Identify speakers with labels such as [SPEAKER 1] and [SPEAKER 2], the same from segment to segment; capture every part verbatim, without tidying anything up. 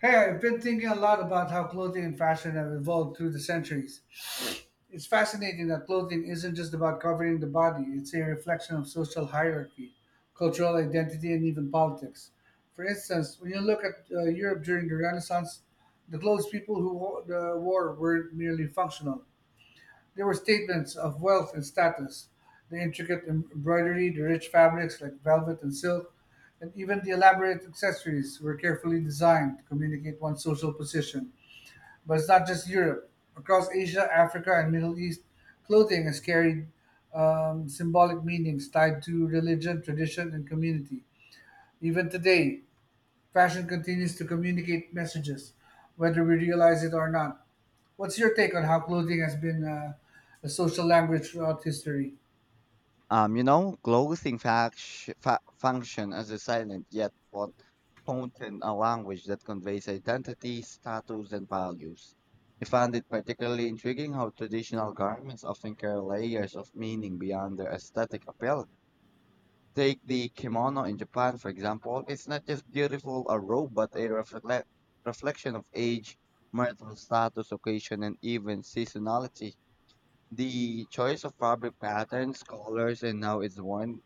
[SPEAKER 1] Hey, I've been thinking a lot about how clothing and fashion have evolved through the centuries. It's fascinating that clothing isn't just about covering the body, it's a reflection of social hierarchy, cultural identity, and even politics. For instance, when you look at uh, Europe during the Renaissance, the clothes people who wore, uh, wore were merely functional. They were statements of wealth and status. The intricate embroidery, the rich fabrics like velvet and silk, and even the elaborate accessories were carefully designed to communicate one's social position. But it's not just Europe. Across Asia, Africa, and Middle East, clothing has carried um, symbolic meanings tied to religion, tradition, and community. Even today, fashion continues to communicate messages, whether we realize it or not. What's your take on how clothing has been uh, a social language throughout history?
[SPEAKER 2] Um, you know, clothing fact- fa- function as a silent yet pot- potent a language that conveys identity, status, and values. I found it particularly intriguing how traditional garments often carry layers of meaning beyond their aesthetic appeal. Take the kimono in Japan, for example. It's not just beautiful a robe, but a reflect- reflection of age, marital status, occasion, and even seasonality. The choice of fabric patterns, colors, and how it's worn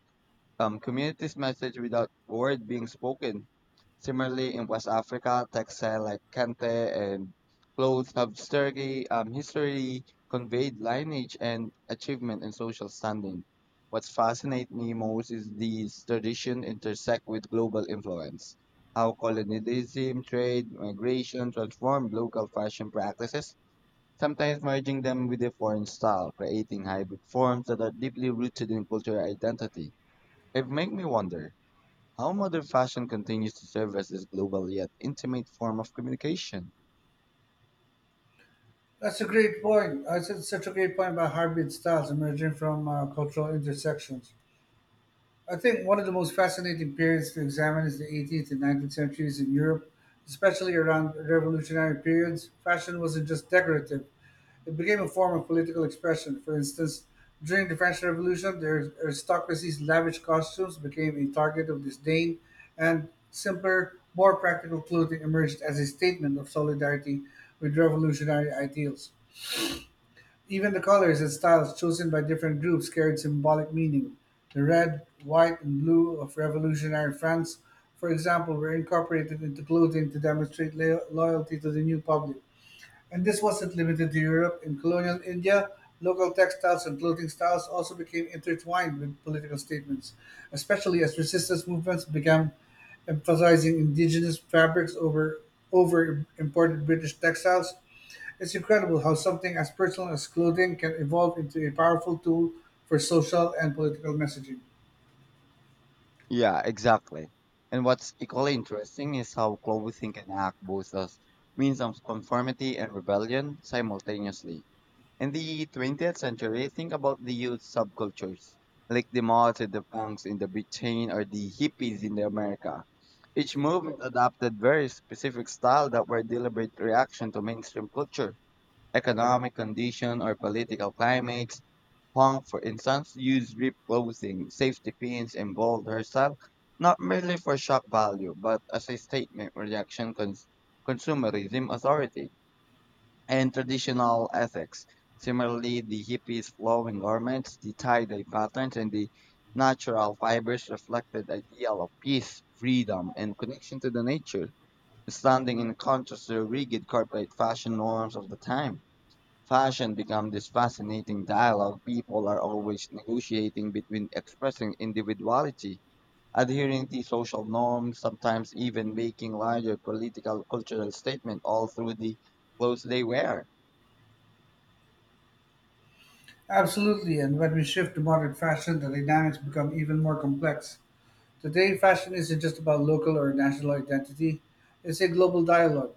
[SPEAKER 2] um, communities message without word being spoken. Similarly, in West Africa, textiles like kente and clothes have sturdy um, history, conveyed lineage and achievement and social standing. What's fascinates me most is these traditions intersect with global influence. How colonialism, trade, migration transformed local fashion practices, sometimes merging them with a foreign style, creating hybrid forms that are deeply rooted in cultural identity. It makes me wonder how modern fashion continues to serve as this global yet intimate form of communication.
[SPEAKER 1] That's a great point. Uh, It's such a great point about hybrid styles emerging from uh, cultural intersections. I think one of the most fascinating periods to examine is the eighteenth and nineteenth centuries in Europe, especially around revolutionary periods. Fashion wasn't just decorative, it became a form of political expression. For instance, during the French Revolution, the aristocracy's lavish costumes became a target of disdain, and simpler, more practical clothing emerged as a statement of solidarity with revolutionary ideals. Even the colors and styles chosen by different groups carried symbolic meaning. The red, white, and blue of revolutionary France, for example, were incorporated into clothing to demonstrate lo- loyalty to the new public. And this wasn't limited to Europe. In colonial India, local textiles and clothing styles also became intertwined with political statements, especially as resistance movements began emphasizing indigenous fabrics over over imported British textiles. It's incredible how something as personal as clothing can evolve into a powerful tool for social and political messaging.
[SPEAKER 2] Yeah, exactly. And what's equally interesting is how clothing can act both as means of conformity and rebellion simultaneously. In the twentieth century, think about the youth subcultures, like the mods and the punks in the Britain or the hippies in the America. Each movement adopted very specific style that were deliberate reaction to mainstream culture. Economic condition or political climates. Hong, for instance, used drip clothing, safety pins, and bold herself, not merely for shock value, but as a statement rejection cons- consumerism authority and traditional ethics. Similarly, the hippies' flowing garments, the tie-dye patterns, and the natural fibers reflected the ideal of peace, freedom, and connection to the nature, standing in contrast to the rigid corporate fashion norms of the time. Fashion becomes this fascinating dialogue people are always negotiating between expressing individuality, adhering to social norms, sometimes even making larger political cultural statement all through the clothes they wear.
[SPEAKER 1] Absolutely, and when we shift to modern fashion, the dynamics become even more complex. Today, fashion isn't just about local or national identity, it's a global dialogue.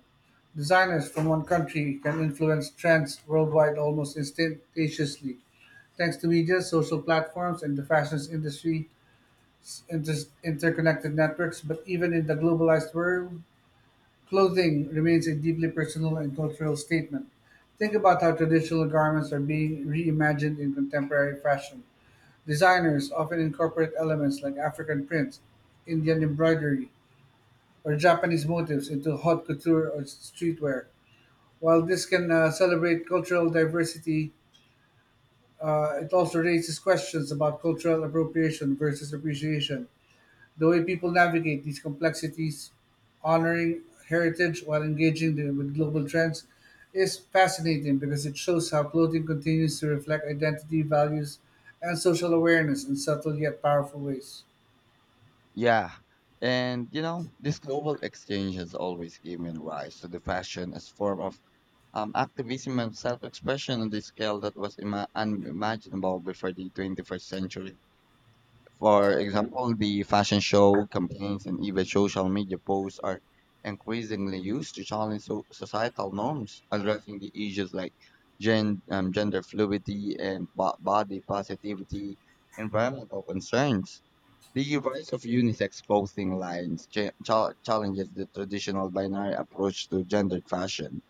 [SPEAKER 1] Designers from one country can influence trends worldwide almost instantaneously. Thanks to media, social platforms, and the fashion industry, inter- interconnected networks, but even in the globalized world, clothing remains a deeply personal and cultural statement. Think about how traditional garments are being reimagined in contemporary fashion. Designers often incorporate elements like African prints, Indian embroidery, or Japanese motifs into haute couture or streetwear. While this can uh, celebrate cultural diversity, uh, it also raises questions about cultural appropriation versus appreciation, the way people navigate these complexities, honoring heritage while engaging the- with global trends. Is fascinating because it shows how clothing continues to reflect identity, values, and social awareness in subtle yet powerful ways.
[SPEAKER 2] Yeah. And you know, this global exchange has always given rise to the fashion as form of um, activism and self-expression on the scale that was ima- unimaginable before the twenty-first century. For example, the fashion show, campaigns, and even social media posts are increasingly used to challenge so- societal norms, addressing the issues like gen- um, gender fluidity and bo- body positivity, environmental concerns. The rise of unisex clothing lines cha- cha- challenges the traditional binary approach to gendered fashion,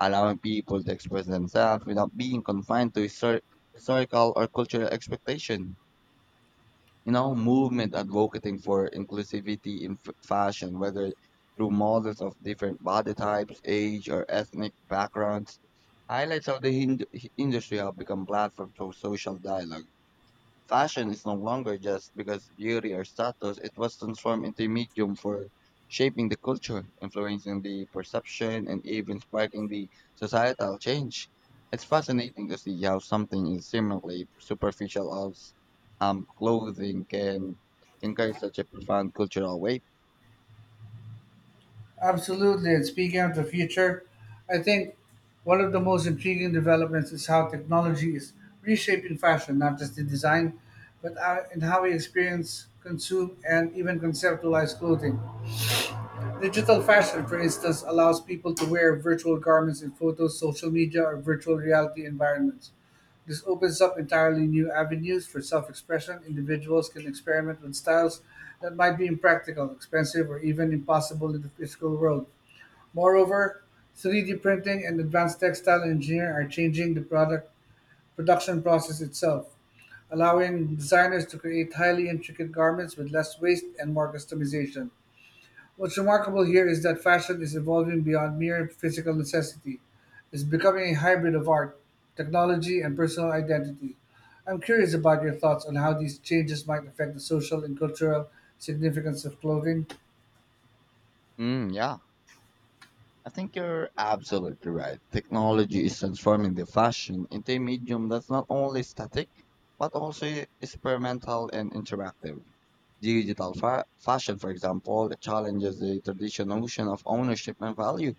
[SPEAKER 2] allowing people to express themselves without being confined to histor- historical or cultural expectation you know, movement advocating for inclusivity in f- fashion, whether through models of different body types, age, or ethnic backgrounds, highlights how the hind- industry have become platforms for social dialogue. Fashion is no longer just because beauty or status, it was transformed into a medium for shaping the culture, influencing the perception, and even sparking the societal change. It's fascinating to see how something as seemingly superficial as um, clothing can, can carry such a profound cultural weight.
[SPEAKER 1] Absolutely. And speaking of the future, I think one of the most intriguing developments is how technology is reshaping fashion, not just in design, but uh, in how we experience, consume, and even conceptualize clothing. Digital fashion, for instance, allows people to wear virtual garments in photos, social media, or virtual reality environments. This opens up entirely new avenues for self expression. Individuals can experiment with styles that might be impractical, expensive, or even impossible in the physical world. Moreover, three-D printing and advanced textile engineering are changing the product production process itself, allowing designers to create highly intricate garments with less waste and more customization. What's remarkable here is that fashion is evolving beyond mere physical necessity. It's becoming a hybrid of art, technology, and personal identity. I'm curious about your thoughts on how these changes might affect the social and cultural significance of clothing.
[SPEAKER 2] Mm, yeah, I think you're absolutely right. Technology is transforming the fashion into a medium that's not only static, but also experimental and interactive. Digital fa- fashion, for example, challenges the traditional notion of ownership and value.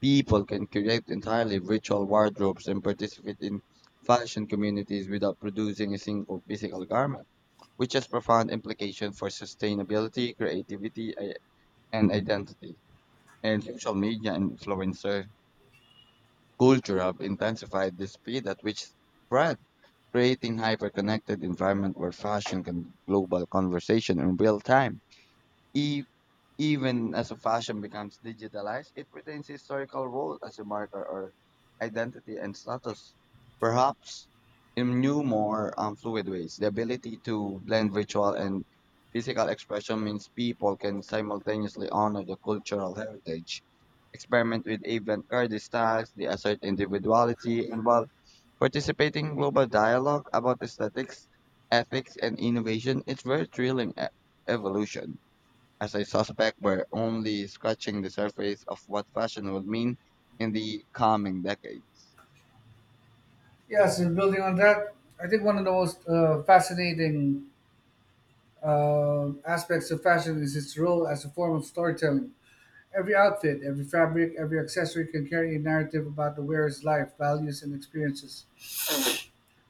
[SPEAKER 2] People can create entirely virtual wardrobes and participate in fashion communities without producing a single physical garment, which has profound implications for sustainability, creativity, i- and identity. And social media and influencer culture have intensified the speed at which spread, creating hyper-connected environment where fashion can be global conversation in real time. E Even as a fashion becomes digitalized, it retains historical role as a marker or identity and status. Perhaps in new, more um, fluid ways, the ability to blend virtual and physical expression means people can simultaneously honor the cultural heritage, experiment with avant-garde styles, they assert individuality, and while participating in global dialogue about aesthetics, ethics, and innovation, it's very thrilling e- evolution as I suspect we're only scratching the surface of what fashion will mean in the coming decades.
[SPEAKER 1] Yes, and building on that, I think one of the most uh, fascinating um, aspects of fashion is its role as a form of storytelling. Every outfit, every fabric, every accessory can carry a narrative about the wearer's life, values, and experiences.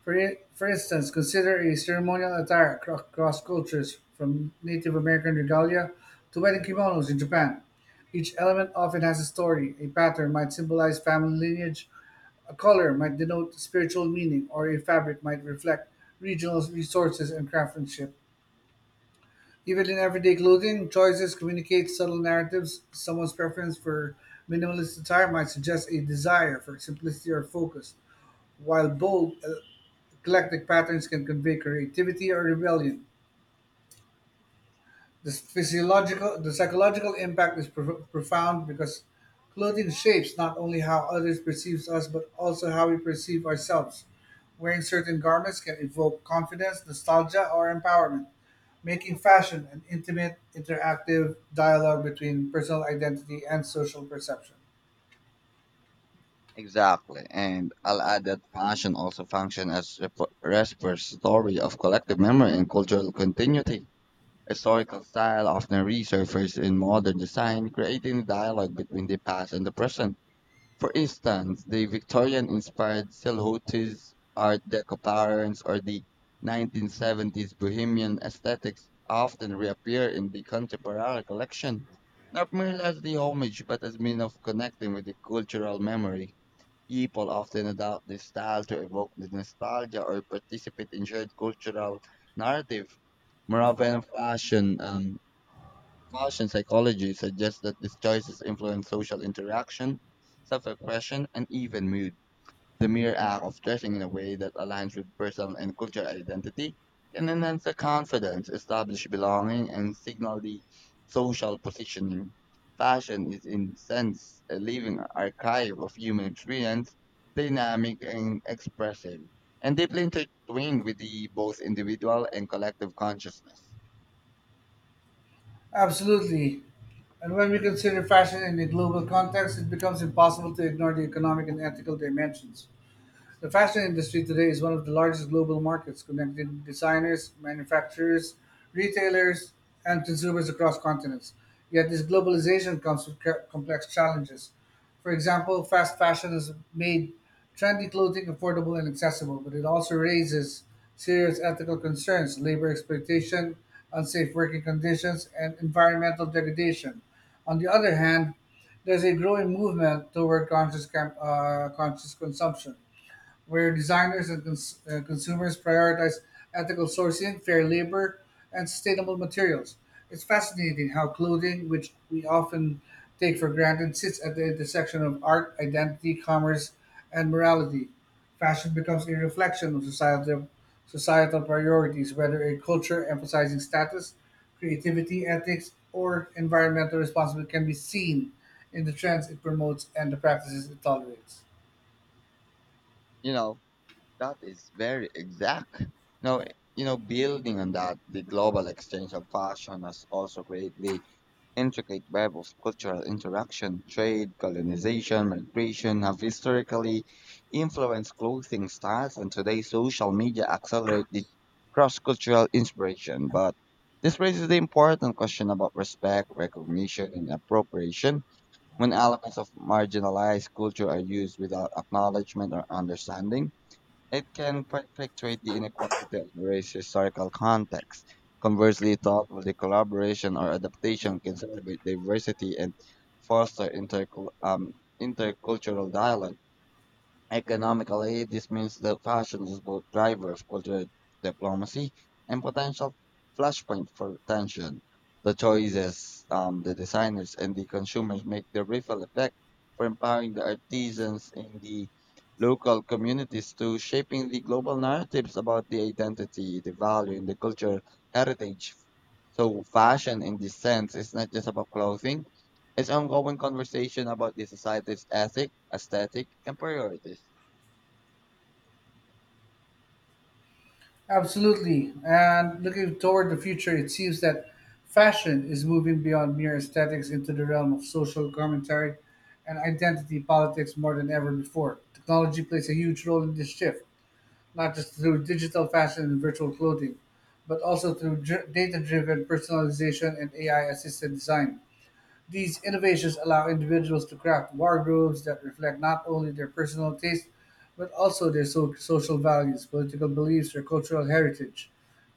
[SPEAKER 1] For, i- for instance, consider a ceremonial attire acro- across cultures, from Native American regalia to wedding kimonos in Japan. Each element often has a story. A pattern might symbolize family lineage, a color might denote spiritual meaning, or a fabric might reflect regional resources and craftsmanship. Even in everyday clothing, choices communicate subtle narratives. Someone's preference for minimalist attire might suggest a desire for simplicity or focus, while bold, uh, eclectic patterns can convey creativity or rebellion. The physiological, the psychological impact is pro- profound because clothing shapes not only how others perceive us, but also how we perceive ourselves. Wearing certain garments can evoke confidence, nostalgia, or empowerment, making fashion an intimate, interactive dialogue between personal identity and social perception.
[SPEAKER 2] Exactly, and I'll add that fashion also function as rep- repository of collective memory and cultural continuity. Historical style often resurfaces in modern design, creating dialogue between the past and the present. For instance, the Victorian-inspired Silhouette's Art Deco patterns or the nineteen seventies bohemian aesthetics often reappear in the contemporary collection, not merely as the homage but as means of connecting with the cultural memory. People often adopt this style to evoke the nostalgia or participate in shared cultural narrative. Moravian fashion um, Martian psychology suggests that these choices influence social interaction, self-expression, and even mood. The mere act of dressing in a way that aligns with personal and cultural identity can enhance the confidence, establish belonging, and signal the social positioning. Fashion is, in a sense, a living archive of human experience, dynamic and expressive, and deeply intertwined with the both individual and collective consciousness.
[SPEAKER 1] Absolutely. And when we consider fashion in a global context, it becomes impossible to ignore the economic and ethical dimensions. The fashion industry today is one of the largest global markets, connecting designers, manufacturers, retailers, and consumers across continents. Yet this globalization comes with ca- complex challenges. For example, fast fashion has made trendy clothing affordable and accessible, but it also raises serious ethical concerns, labor exploitation, unsafe working conditions, and environmental degradation. On the other hand, there's a growing movement toward conscious, cam- uh, conscious consumption where designers and cons- uh, consumers prioritize ethical sourcing, fair labor, and sustainable materials. It's fascinating how clothing, which we often take for granted, sits at the intersection of art, identity, commerce, and morality. Fashion becomes a reflection of societal, societal priorities, whether a culture emphasizing status, creativity, ethics, or environmental responsibility can be seen in the trends it promotes and the practices it tolerates.
[SPEAKER 2] You know, that is very exact. Now, you know, building on that, the global exchange of fashion has also created the intricate web of cultural interaction, trade, colonization, migration have historically influenced clothing styles, and today social media accelerate the cross-cultural inspiration. But this raises the important question about respect, recognition, and appropriation when elements of marginalized culture are used without acknowledgement or understanding. It can perpetuate the inequality of the race's historical context. Conversely, thoughtfully collaboration or adaptation can celebrate diversity and foster intercul- um, intercultural dialogue. Economically, this means that fashion is both driver of cultural diplomacy and potential flashpoint for tension. The choices um, the designers and the consumers make the ripple effect for empowering the artisans in the local communities to shaping the global narratives about the identity, the value, and the cultural heritage. So fashion in this sense is not just about clothing, it's ongoing conversation about the society's ethic, aesthetic, and priorities.
[SPEAKER 1] Absolutely. And looking toward the future, it seems that fashion is moving beyond mere aesthetics into the realm of social commentary and identity politics more than ever before. Technology plays a huge role in this shift, not just through digital fashion and virtual clothing, but also through data driven personalization and A I assisted design. These innovations allow individuals to craft wardrobes that reflect not only their personal taste, but also their so- social values, political beliefs, or cultural heritage.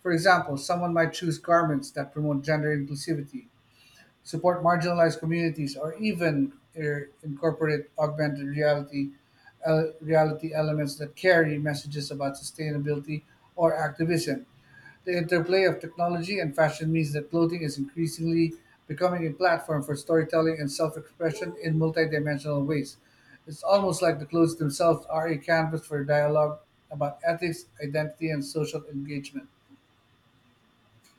[SPEAKER 1] For example, someone might choose garments that promote gender inclusivity, support marginalized communities, or even er, incorporate augmented reality el- reality elements that carry messages about sustainability or activism. The interplay of technology and fashion means that clothing is increasingly becoming a platform for storytelling and self expression in multidimensional ways. It's almost like the clothes themselves are a canvas for dialogue about ethics, identity, and social engagement.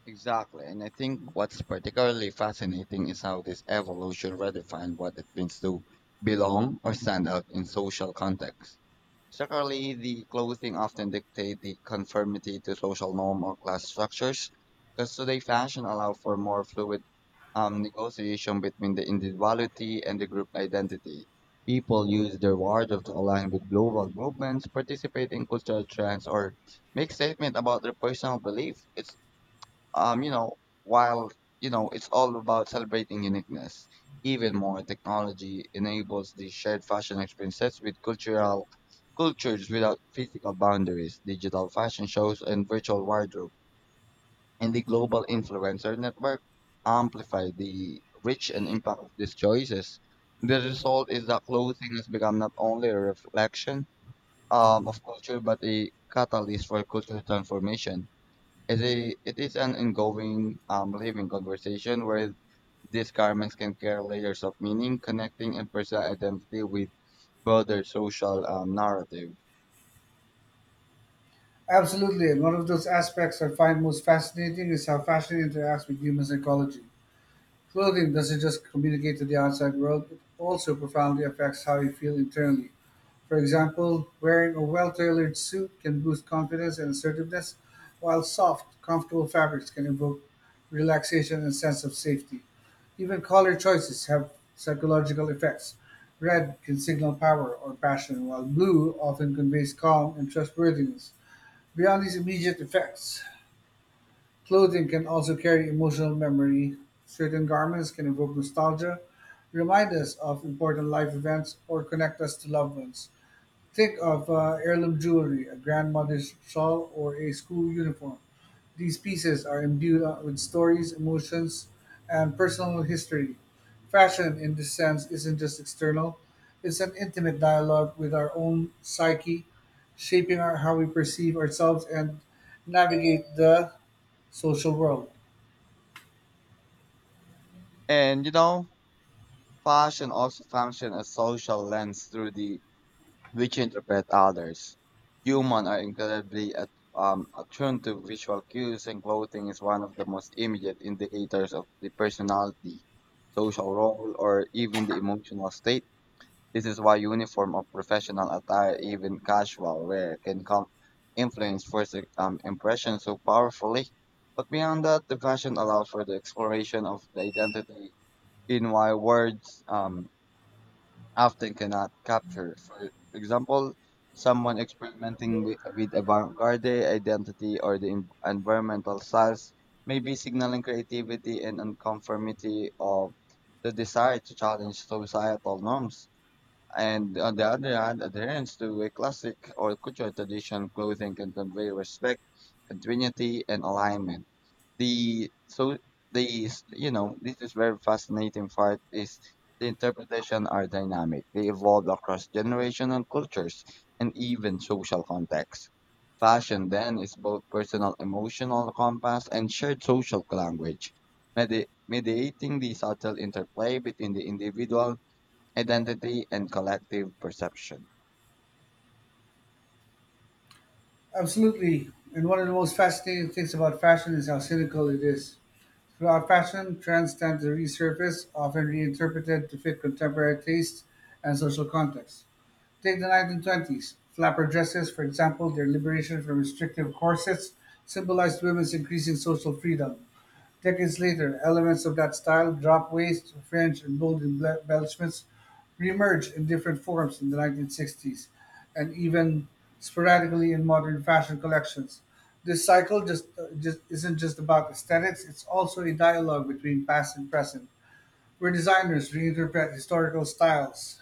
[SPEAKER 2] Exactly. And I think what's particularly fascinating is how this evolution redefined what it means to belong or stand out in social contexts. Certainly, the clothing often dictate the conformity to social norm or class structures, because today fashion allow for more fluid um, negotiation between the individuality and the group identity. People use their wardrobe to align with global movements, participate in cultural trends, or make statement about their personal belief. It's um, you know, while, you know, it's all about celebrating uniqueness, even more technology enables these shared fashion experiences with cultural cultures without physical boundaries, digital fashion shows and virtual wardrobe. And the global influencer network amplify the reach and impact of these choices. The result is that clothing has become not only a reflection um, of culture but a catalyst for cultural transformation. It is, it is an ongoing, um, living conversation where these garments can carry layers of meaning, connecting and personal identity with broader social um, narrative.
[SPEAKER 1] Absolutely, and one of those aspects I find most fascinating is how fashion interacts with human psychology. Clothing doesn't just communicate to the outside world, it also profoundly affects how you feel internally. For example, wearing a well tailored suit can boost confidence and assertiveness, while soft, comfortable fabrics can evoke relaxation and sense of safety. Even color choices have psychological effects. Red can signal power or passion, while blue often conveys calm and trustworthiness. Beyond these immediate effects, clothing can also carry emotional memory. Certain garments can evoke nostalgia, remind us of important life events, or connect us to loved ones. Think of uh, heirloom jewelry, a grandmother's shawl, or a school uniform. These pieces are imbued uh, with stories, emotions, and personal history. Fashion, in this sense, isn't just external, it's an intimate dialogue with our own psyche, shaping our, how we perceive ourselves and navigate the social world.
[SPEAKER 2] And you know, fashion also functions as social lens through the which interpret others. Humans are incredibly at, um, attuned to visual cues, and clothing is one of the most immediate indicators of the personality, social role, or even the emotional state. This is why uniform or professional attire, even casual wear, can come influence first um, impression so powerfully. But beyond that, the fashion allows for the exploration of the identity in why words um, often cannot capture. For example, someone experimenting with, with avant-garde identity or the en- environmental styles may be signaling creativity and unconformity of the desire to challenge societal norms. And on the other hand, adherence to a classic or cultural tradition clothing can convey respect, continuity, and alignment. The so these you know this is very fascinating part is the interpretation are dynamic. They evolve across generational cultures and even social contexts. Fashion then is both personal emotional compass and shared social language, medi- mediating the subtle interplay between the individual identity and collective perception.
[SPEAKER 1] Absolutely. And one of the most fascinating things about fashion is how cynical it is. Throughout fashion, trends tend to resurface, often reinterpreted to fit contemporary tastes and social contexts. Take the nineteen twenties. Flapper dresses, for example, their liberation from restrictive corsets, symbolized women's increasing social freedom. Decades later, elements of that style, drop waist, French, and bold embellishments reemerged in different forms in the nineteen sixties, and even sporadically in modern fashion collections. This cycle just, uh, just isn't just about aesthetics; it's also a dialogue between past and present, where designers reinterpret historical styles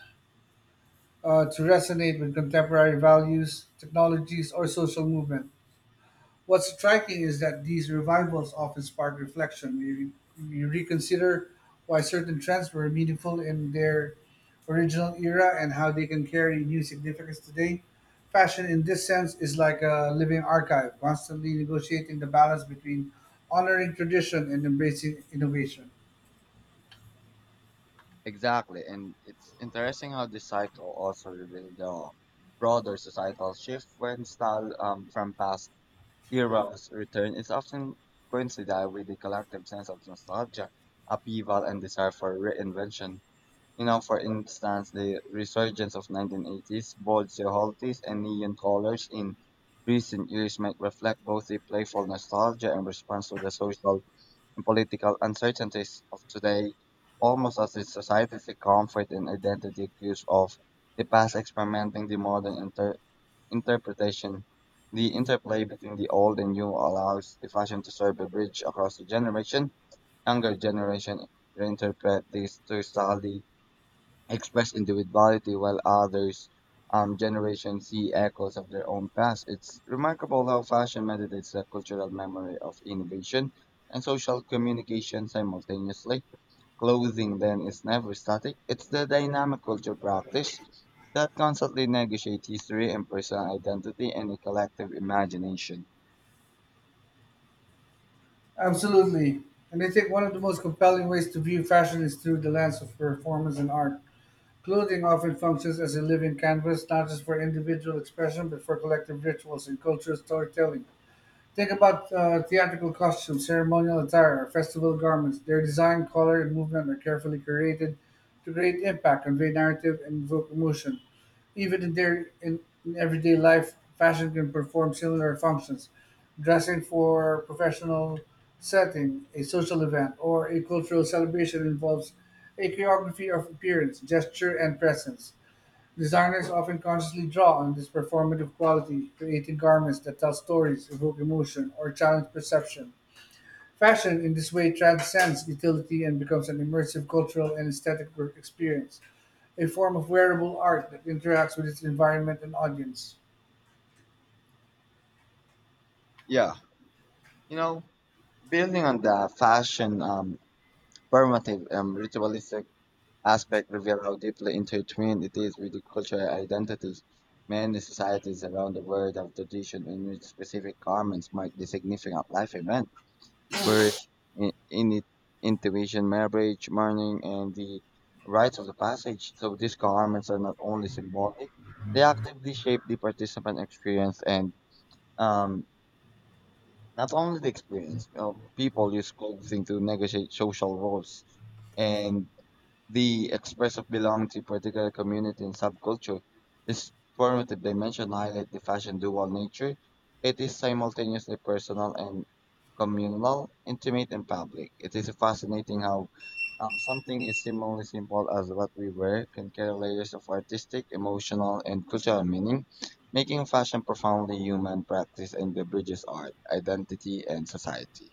[SPEAKER 1] uh, to resonate with contemporary values, technologies, or social movements. What's striking is that these revivals often spark reflection. You, you reconsider why certain trends were meaningful in their original era and how they can carry new significance today. Fashion, in this sense, is like a living archive, constantly negotiating the balance between honoring tradition and embracing innovation.
[SPEAKER 2] Exactly. And it's interesting how this cycle also reveals the broader societal shift when style um, from past eras return is often coincided with the collective sense of nostalgia, upheaval, and desire for reinvention. You know, for instance, the resurgence of nineteen eighties, bold silhouettes, and neon colors in recent years might reflect both the playful nostalgia and response to the social and political uncertainties of today, almost as if societies account for an identity cues of the past experimenting the modern inter- interpretation. The interplay between the old and new allows the fashion to serve a bridge across the generation. Younger generation reinterpret these two styles express individuality while others um, generation see echoes of their own past. It's remarkable how fashion meditates the cultural memory of innovation and social communication simultaneously. Clothing then is never static. It's the dynamic culture practice that constantly negotiates history and personal identity and a collective imagination.
[SPEAKER 1] Absolutely. And I think one of the most compelling ways to view fashion is through the lens of performance and art. Clothing often functions as a living canvas, not just for individual expression, but for collective rituals and cultural storytelling. Think about uh, theatrical costumes, ceremonial attire, or festival garments. Their design, color, and movement are carefully created to create impact, convey narrative, and evoke emotion. Even in their in, in everyday life, fashion can perform similar functions. Dressing for professional setting, a social event, or a cultural celebration involves a choreography of appearance, gesture, and presence. Designers often consciously draw on this performative quality, creating garments that tell stories, evoke emotion, or challenge perception. Fashion in this way transcends utility and becomes an immersive cultural and aesthetic work experience, a form of wearable art that interacts with its environment and audience.
[SPEAKER 2] Yeah, you know, building on the fashion um, performative um, ritualistic aspect reveal how deeply intertwined it is with the cultural identities. Many societies around the world have tradition in which specific garments mark the significant life event, birth, in, in it, intuition, marriage, mourning, and the rites of the passage. So these garments are not only symbolic, they actively shape the participant experience and um, not only the experience. You know, people use clothing to negotiate social roles and the express of belonging to a particular community and subculture. This formative dimension highlights the fashion dual nature. It is simultaneously personal and communal, intimate and public. It is fascinating how um, something as seemingly simple as what we wear can carry layers of artistic, emotional, and cultural meaning, making fashion profoundly human practice and the bridges art, identity, and society.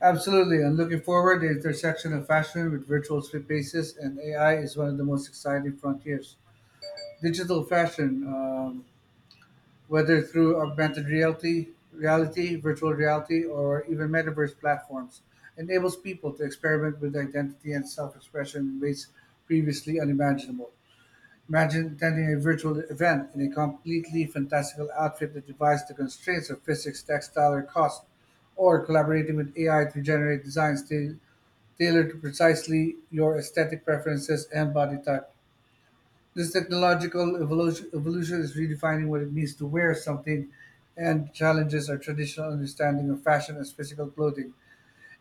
[SPEAKER 1] Absolutely, and looking forward, the intersection of fashion with virtual spaces and A I is one of the most exciting frontiers. Digital fashion, um, whether through augmented reality, reality, virtual reality, or even metaverse platforms, enables people to experiment with identity and self-expression in ways previously unimaginable. Imagine attending a virtual event in a completely fantastical outfit that defies the constraints of physics, textile, or cost, or collaborating with A I to generate designs ta- tailored to precisely your aesthetic preferences and body type. This technological evolution, evolution is redefining what it means to wear something and challenges our traditional understanding of fashion as physical clothing.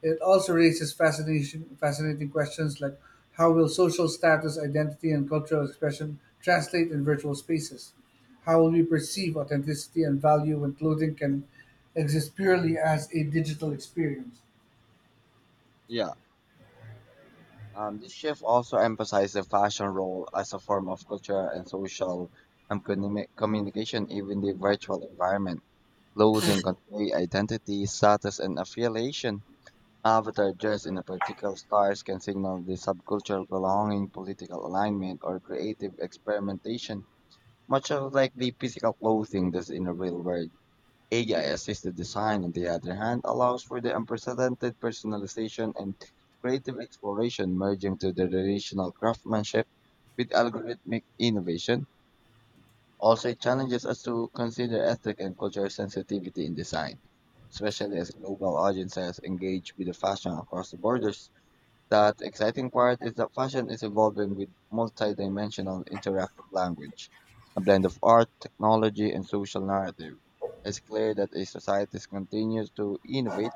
[SPEAKER 1] It also raises fascination, fascinating questions like how will social status, identity, and cultural expression translate in virtual spaces? How will we perceive authenticity and value when clothing can exist purely as a digital experience?
[SPEAKER 2] Yeah, um, this shift also emphasized the fashion role as a form of cultural and social and communi- communication, even the virtual environment. Clothing convey identity, status, and affiliation. Avatar dressed in a particular style can signal the subcultural belonging, political alignment, or creative experimentation. Much of like the physical clothing does in the real world, A I assisted design, on the other hand, allows for the unprecedented personalization and creative exploration merging to the traditional craftsmanship with algorithmic innovation. Also, it challenges us to consider ethic and cultural sensitivity in design, especially as global audiences engage with the fashion across the borders. That exciting part is that fashion is evolving with multi-dimensional interactive language, a blend of art, technology, and social narrative. It's clear that as societies continues to innovate,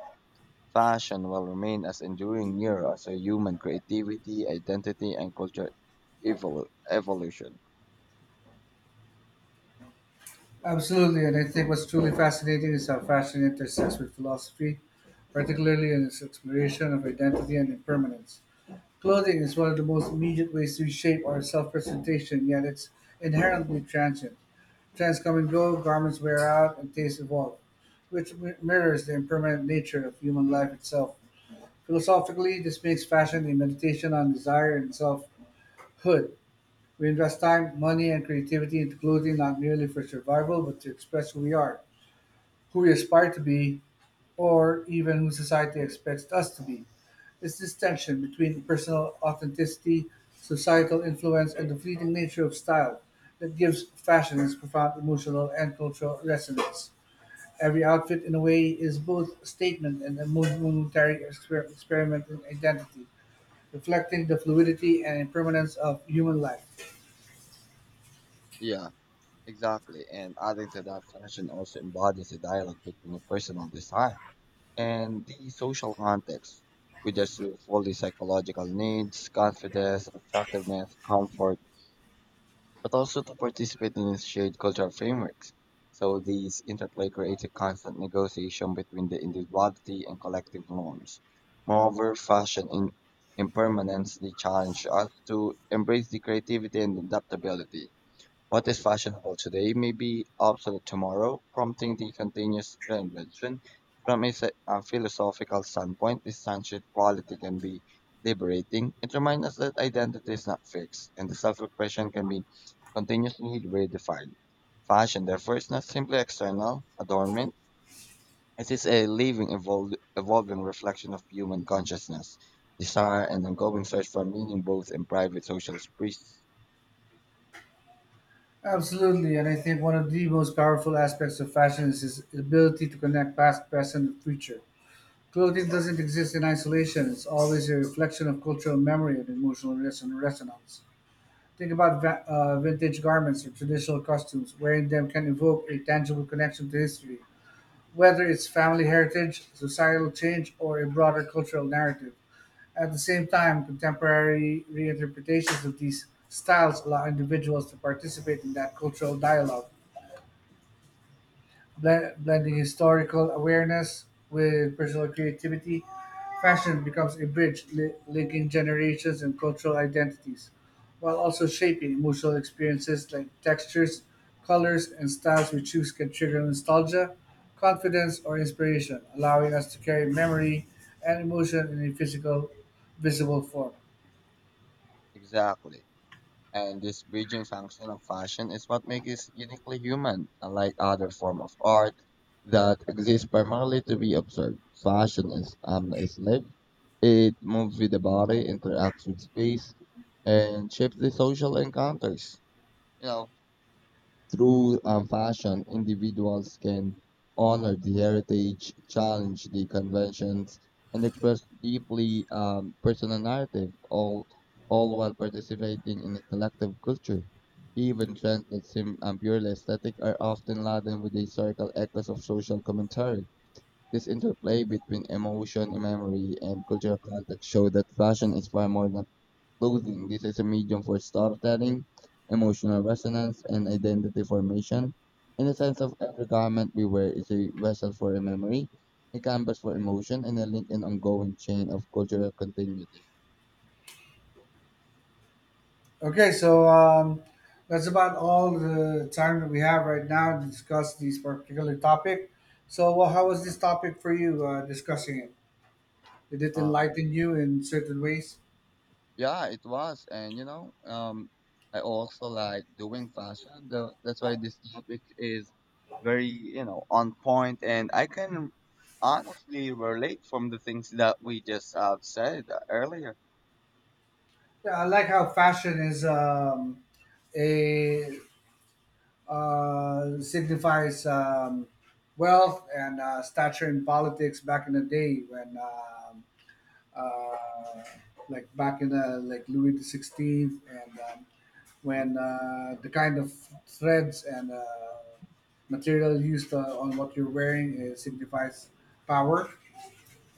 [SPEAKER 2] fashion will remain as enduring mirror as a human creativity, identity, and culture evolu- evolution.
[SPEAKER 1] Absolutely, and I think what's truly fascinating is how fashion intersects with philosophy, particularly in its exploration of identity and impermanence. Clothing is one of the most immediate ways we shape our self presentation, yet it's inherently transient. Trends come and go, garments wear out, and tastes evolve, which mi- mirrors the impermanent nature of human life itself. Philosophically, this makes fashion a meditation on desire and selfhood. We invest time, money, and creativity into clothing not merely for survival, but to express who we are who we aspire to be, or even who society expects us to be. It's this tension between personal authenticity, societal influence, and the fleeting nature of style that gives fashion its profound emotional and cultural resonance. Every outfit, in a way, is both a statement and a mo- momentary exper- experiment in identity, reflecting the fluidity and impermanence of human life.
[SPEAKER 2] Yeah, exactly. And adding to that, fashion also embodies a dialogue between a personal desire and the social context, which is to fulfill the psychological needs, confidence, attractiveness, comfort, but also to participate in shared cultural frameworks. So these interplay creates a constant negotiation between the individuality and collective norms. Moreover, fashion in impermanence, the challenge us to embrace the creativity and adaptability what is fashionable today may be obsolete tomorrow, prompting the continuous reinvention. From a, se- a philosophical standpoint, this transient quality can be liberating. It reminds us that identity is not fixed, and the self-expression can be continuously redefined. Fashion, therefore, is not simply external adornment. It is a living, evol- evolving reflection of human consciousness, desire, and ongoing search for meaning both in private social space.
[SPEAKER 1] Absolutely, and I think one of the most powerful aspects of fashion is its ability to connect past, present, and future. Clothing doesn't exist in isolation. It's always a reflection of cultural memory and emotional reson- resonance. Think about va- uh, vintage garments or traditional costumes. Wearing them can evoke a tangible connection to history, whether it's family heritage, societal change, or a broader cultural narrative. At the same time, contemporary reinterpretations of these styles allow individuals to participate in that cultural dialogue. Blend, blending historical awareness with personal creativity, fashion becomes a bridge li- linking generations and cultural identities, while also shaping emotional experiences like textures, colors, and styles we choose can trigger nostalgia, confidence, or inspiration, allowing us to carry memory and emotion in a physical, visible form.
[SPEAKER 2] Exactly. And this bridging function of fashion is what makes it uniquely human, unlike other form of art that exists primarily to be observed. Fashion is omniscient. It moves with the body, interacts with space, and shapes the social encounters. You know, through um, fashion, individuals can honor the heritage, challenge the conventions, and express deeply um, personal narrative, all all while participating in a collective culture. Even trends that seem um, purely aesthetic are often laden with historical echoes of social commentary. This interplay between emotion, memory, and cultural context show that fashion is far more than clothing. This is a medium for storytelling, emotional resonance, and identity formation. In the sense of every garment we wear is a vessel for a memory, a canvas for emotion, and a link in ongoing chain of cultural continuity.
[SPEAKER 1] Okay, so um, that's about all the time that we have right now to discuss this particular topic. So, well, how was this topic for you uh, discussing it? Did it
[SPEAKER 2] Um,
[SPEAKER 1] enlighten you in certain ways?
[SPEAKER 2] yeah, it was, and you know, um, I also like doing fashion. The, that's why this topic is very, you know, on point, and I can honestly relate from the things that we just uh, said earlier.
[SPEAKER 1] Yeah, I like how fashion is um, a uh, signifies um, wealth and uh, stature in politics back in the day when um, uh, like back in the like Louis the Sixteenth and um,
[SPEAKER 2] Hmm.
[SPEAKER 1] when uh, the kind of threads and uh, material used uh, on what you're wearing uh, signifies power.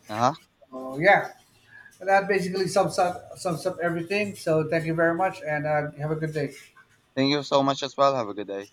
[SPEAKER 2] Uh huh.
[SPEAKER 1] So yeah, that basically sums up sums up everything. So thank you very much, and uh, have a good day.
[SPEAKER 2] Thank you so much as well. Have a good day.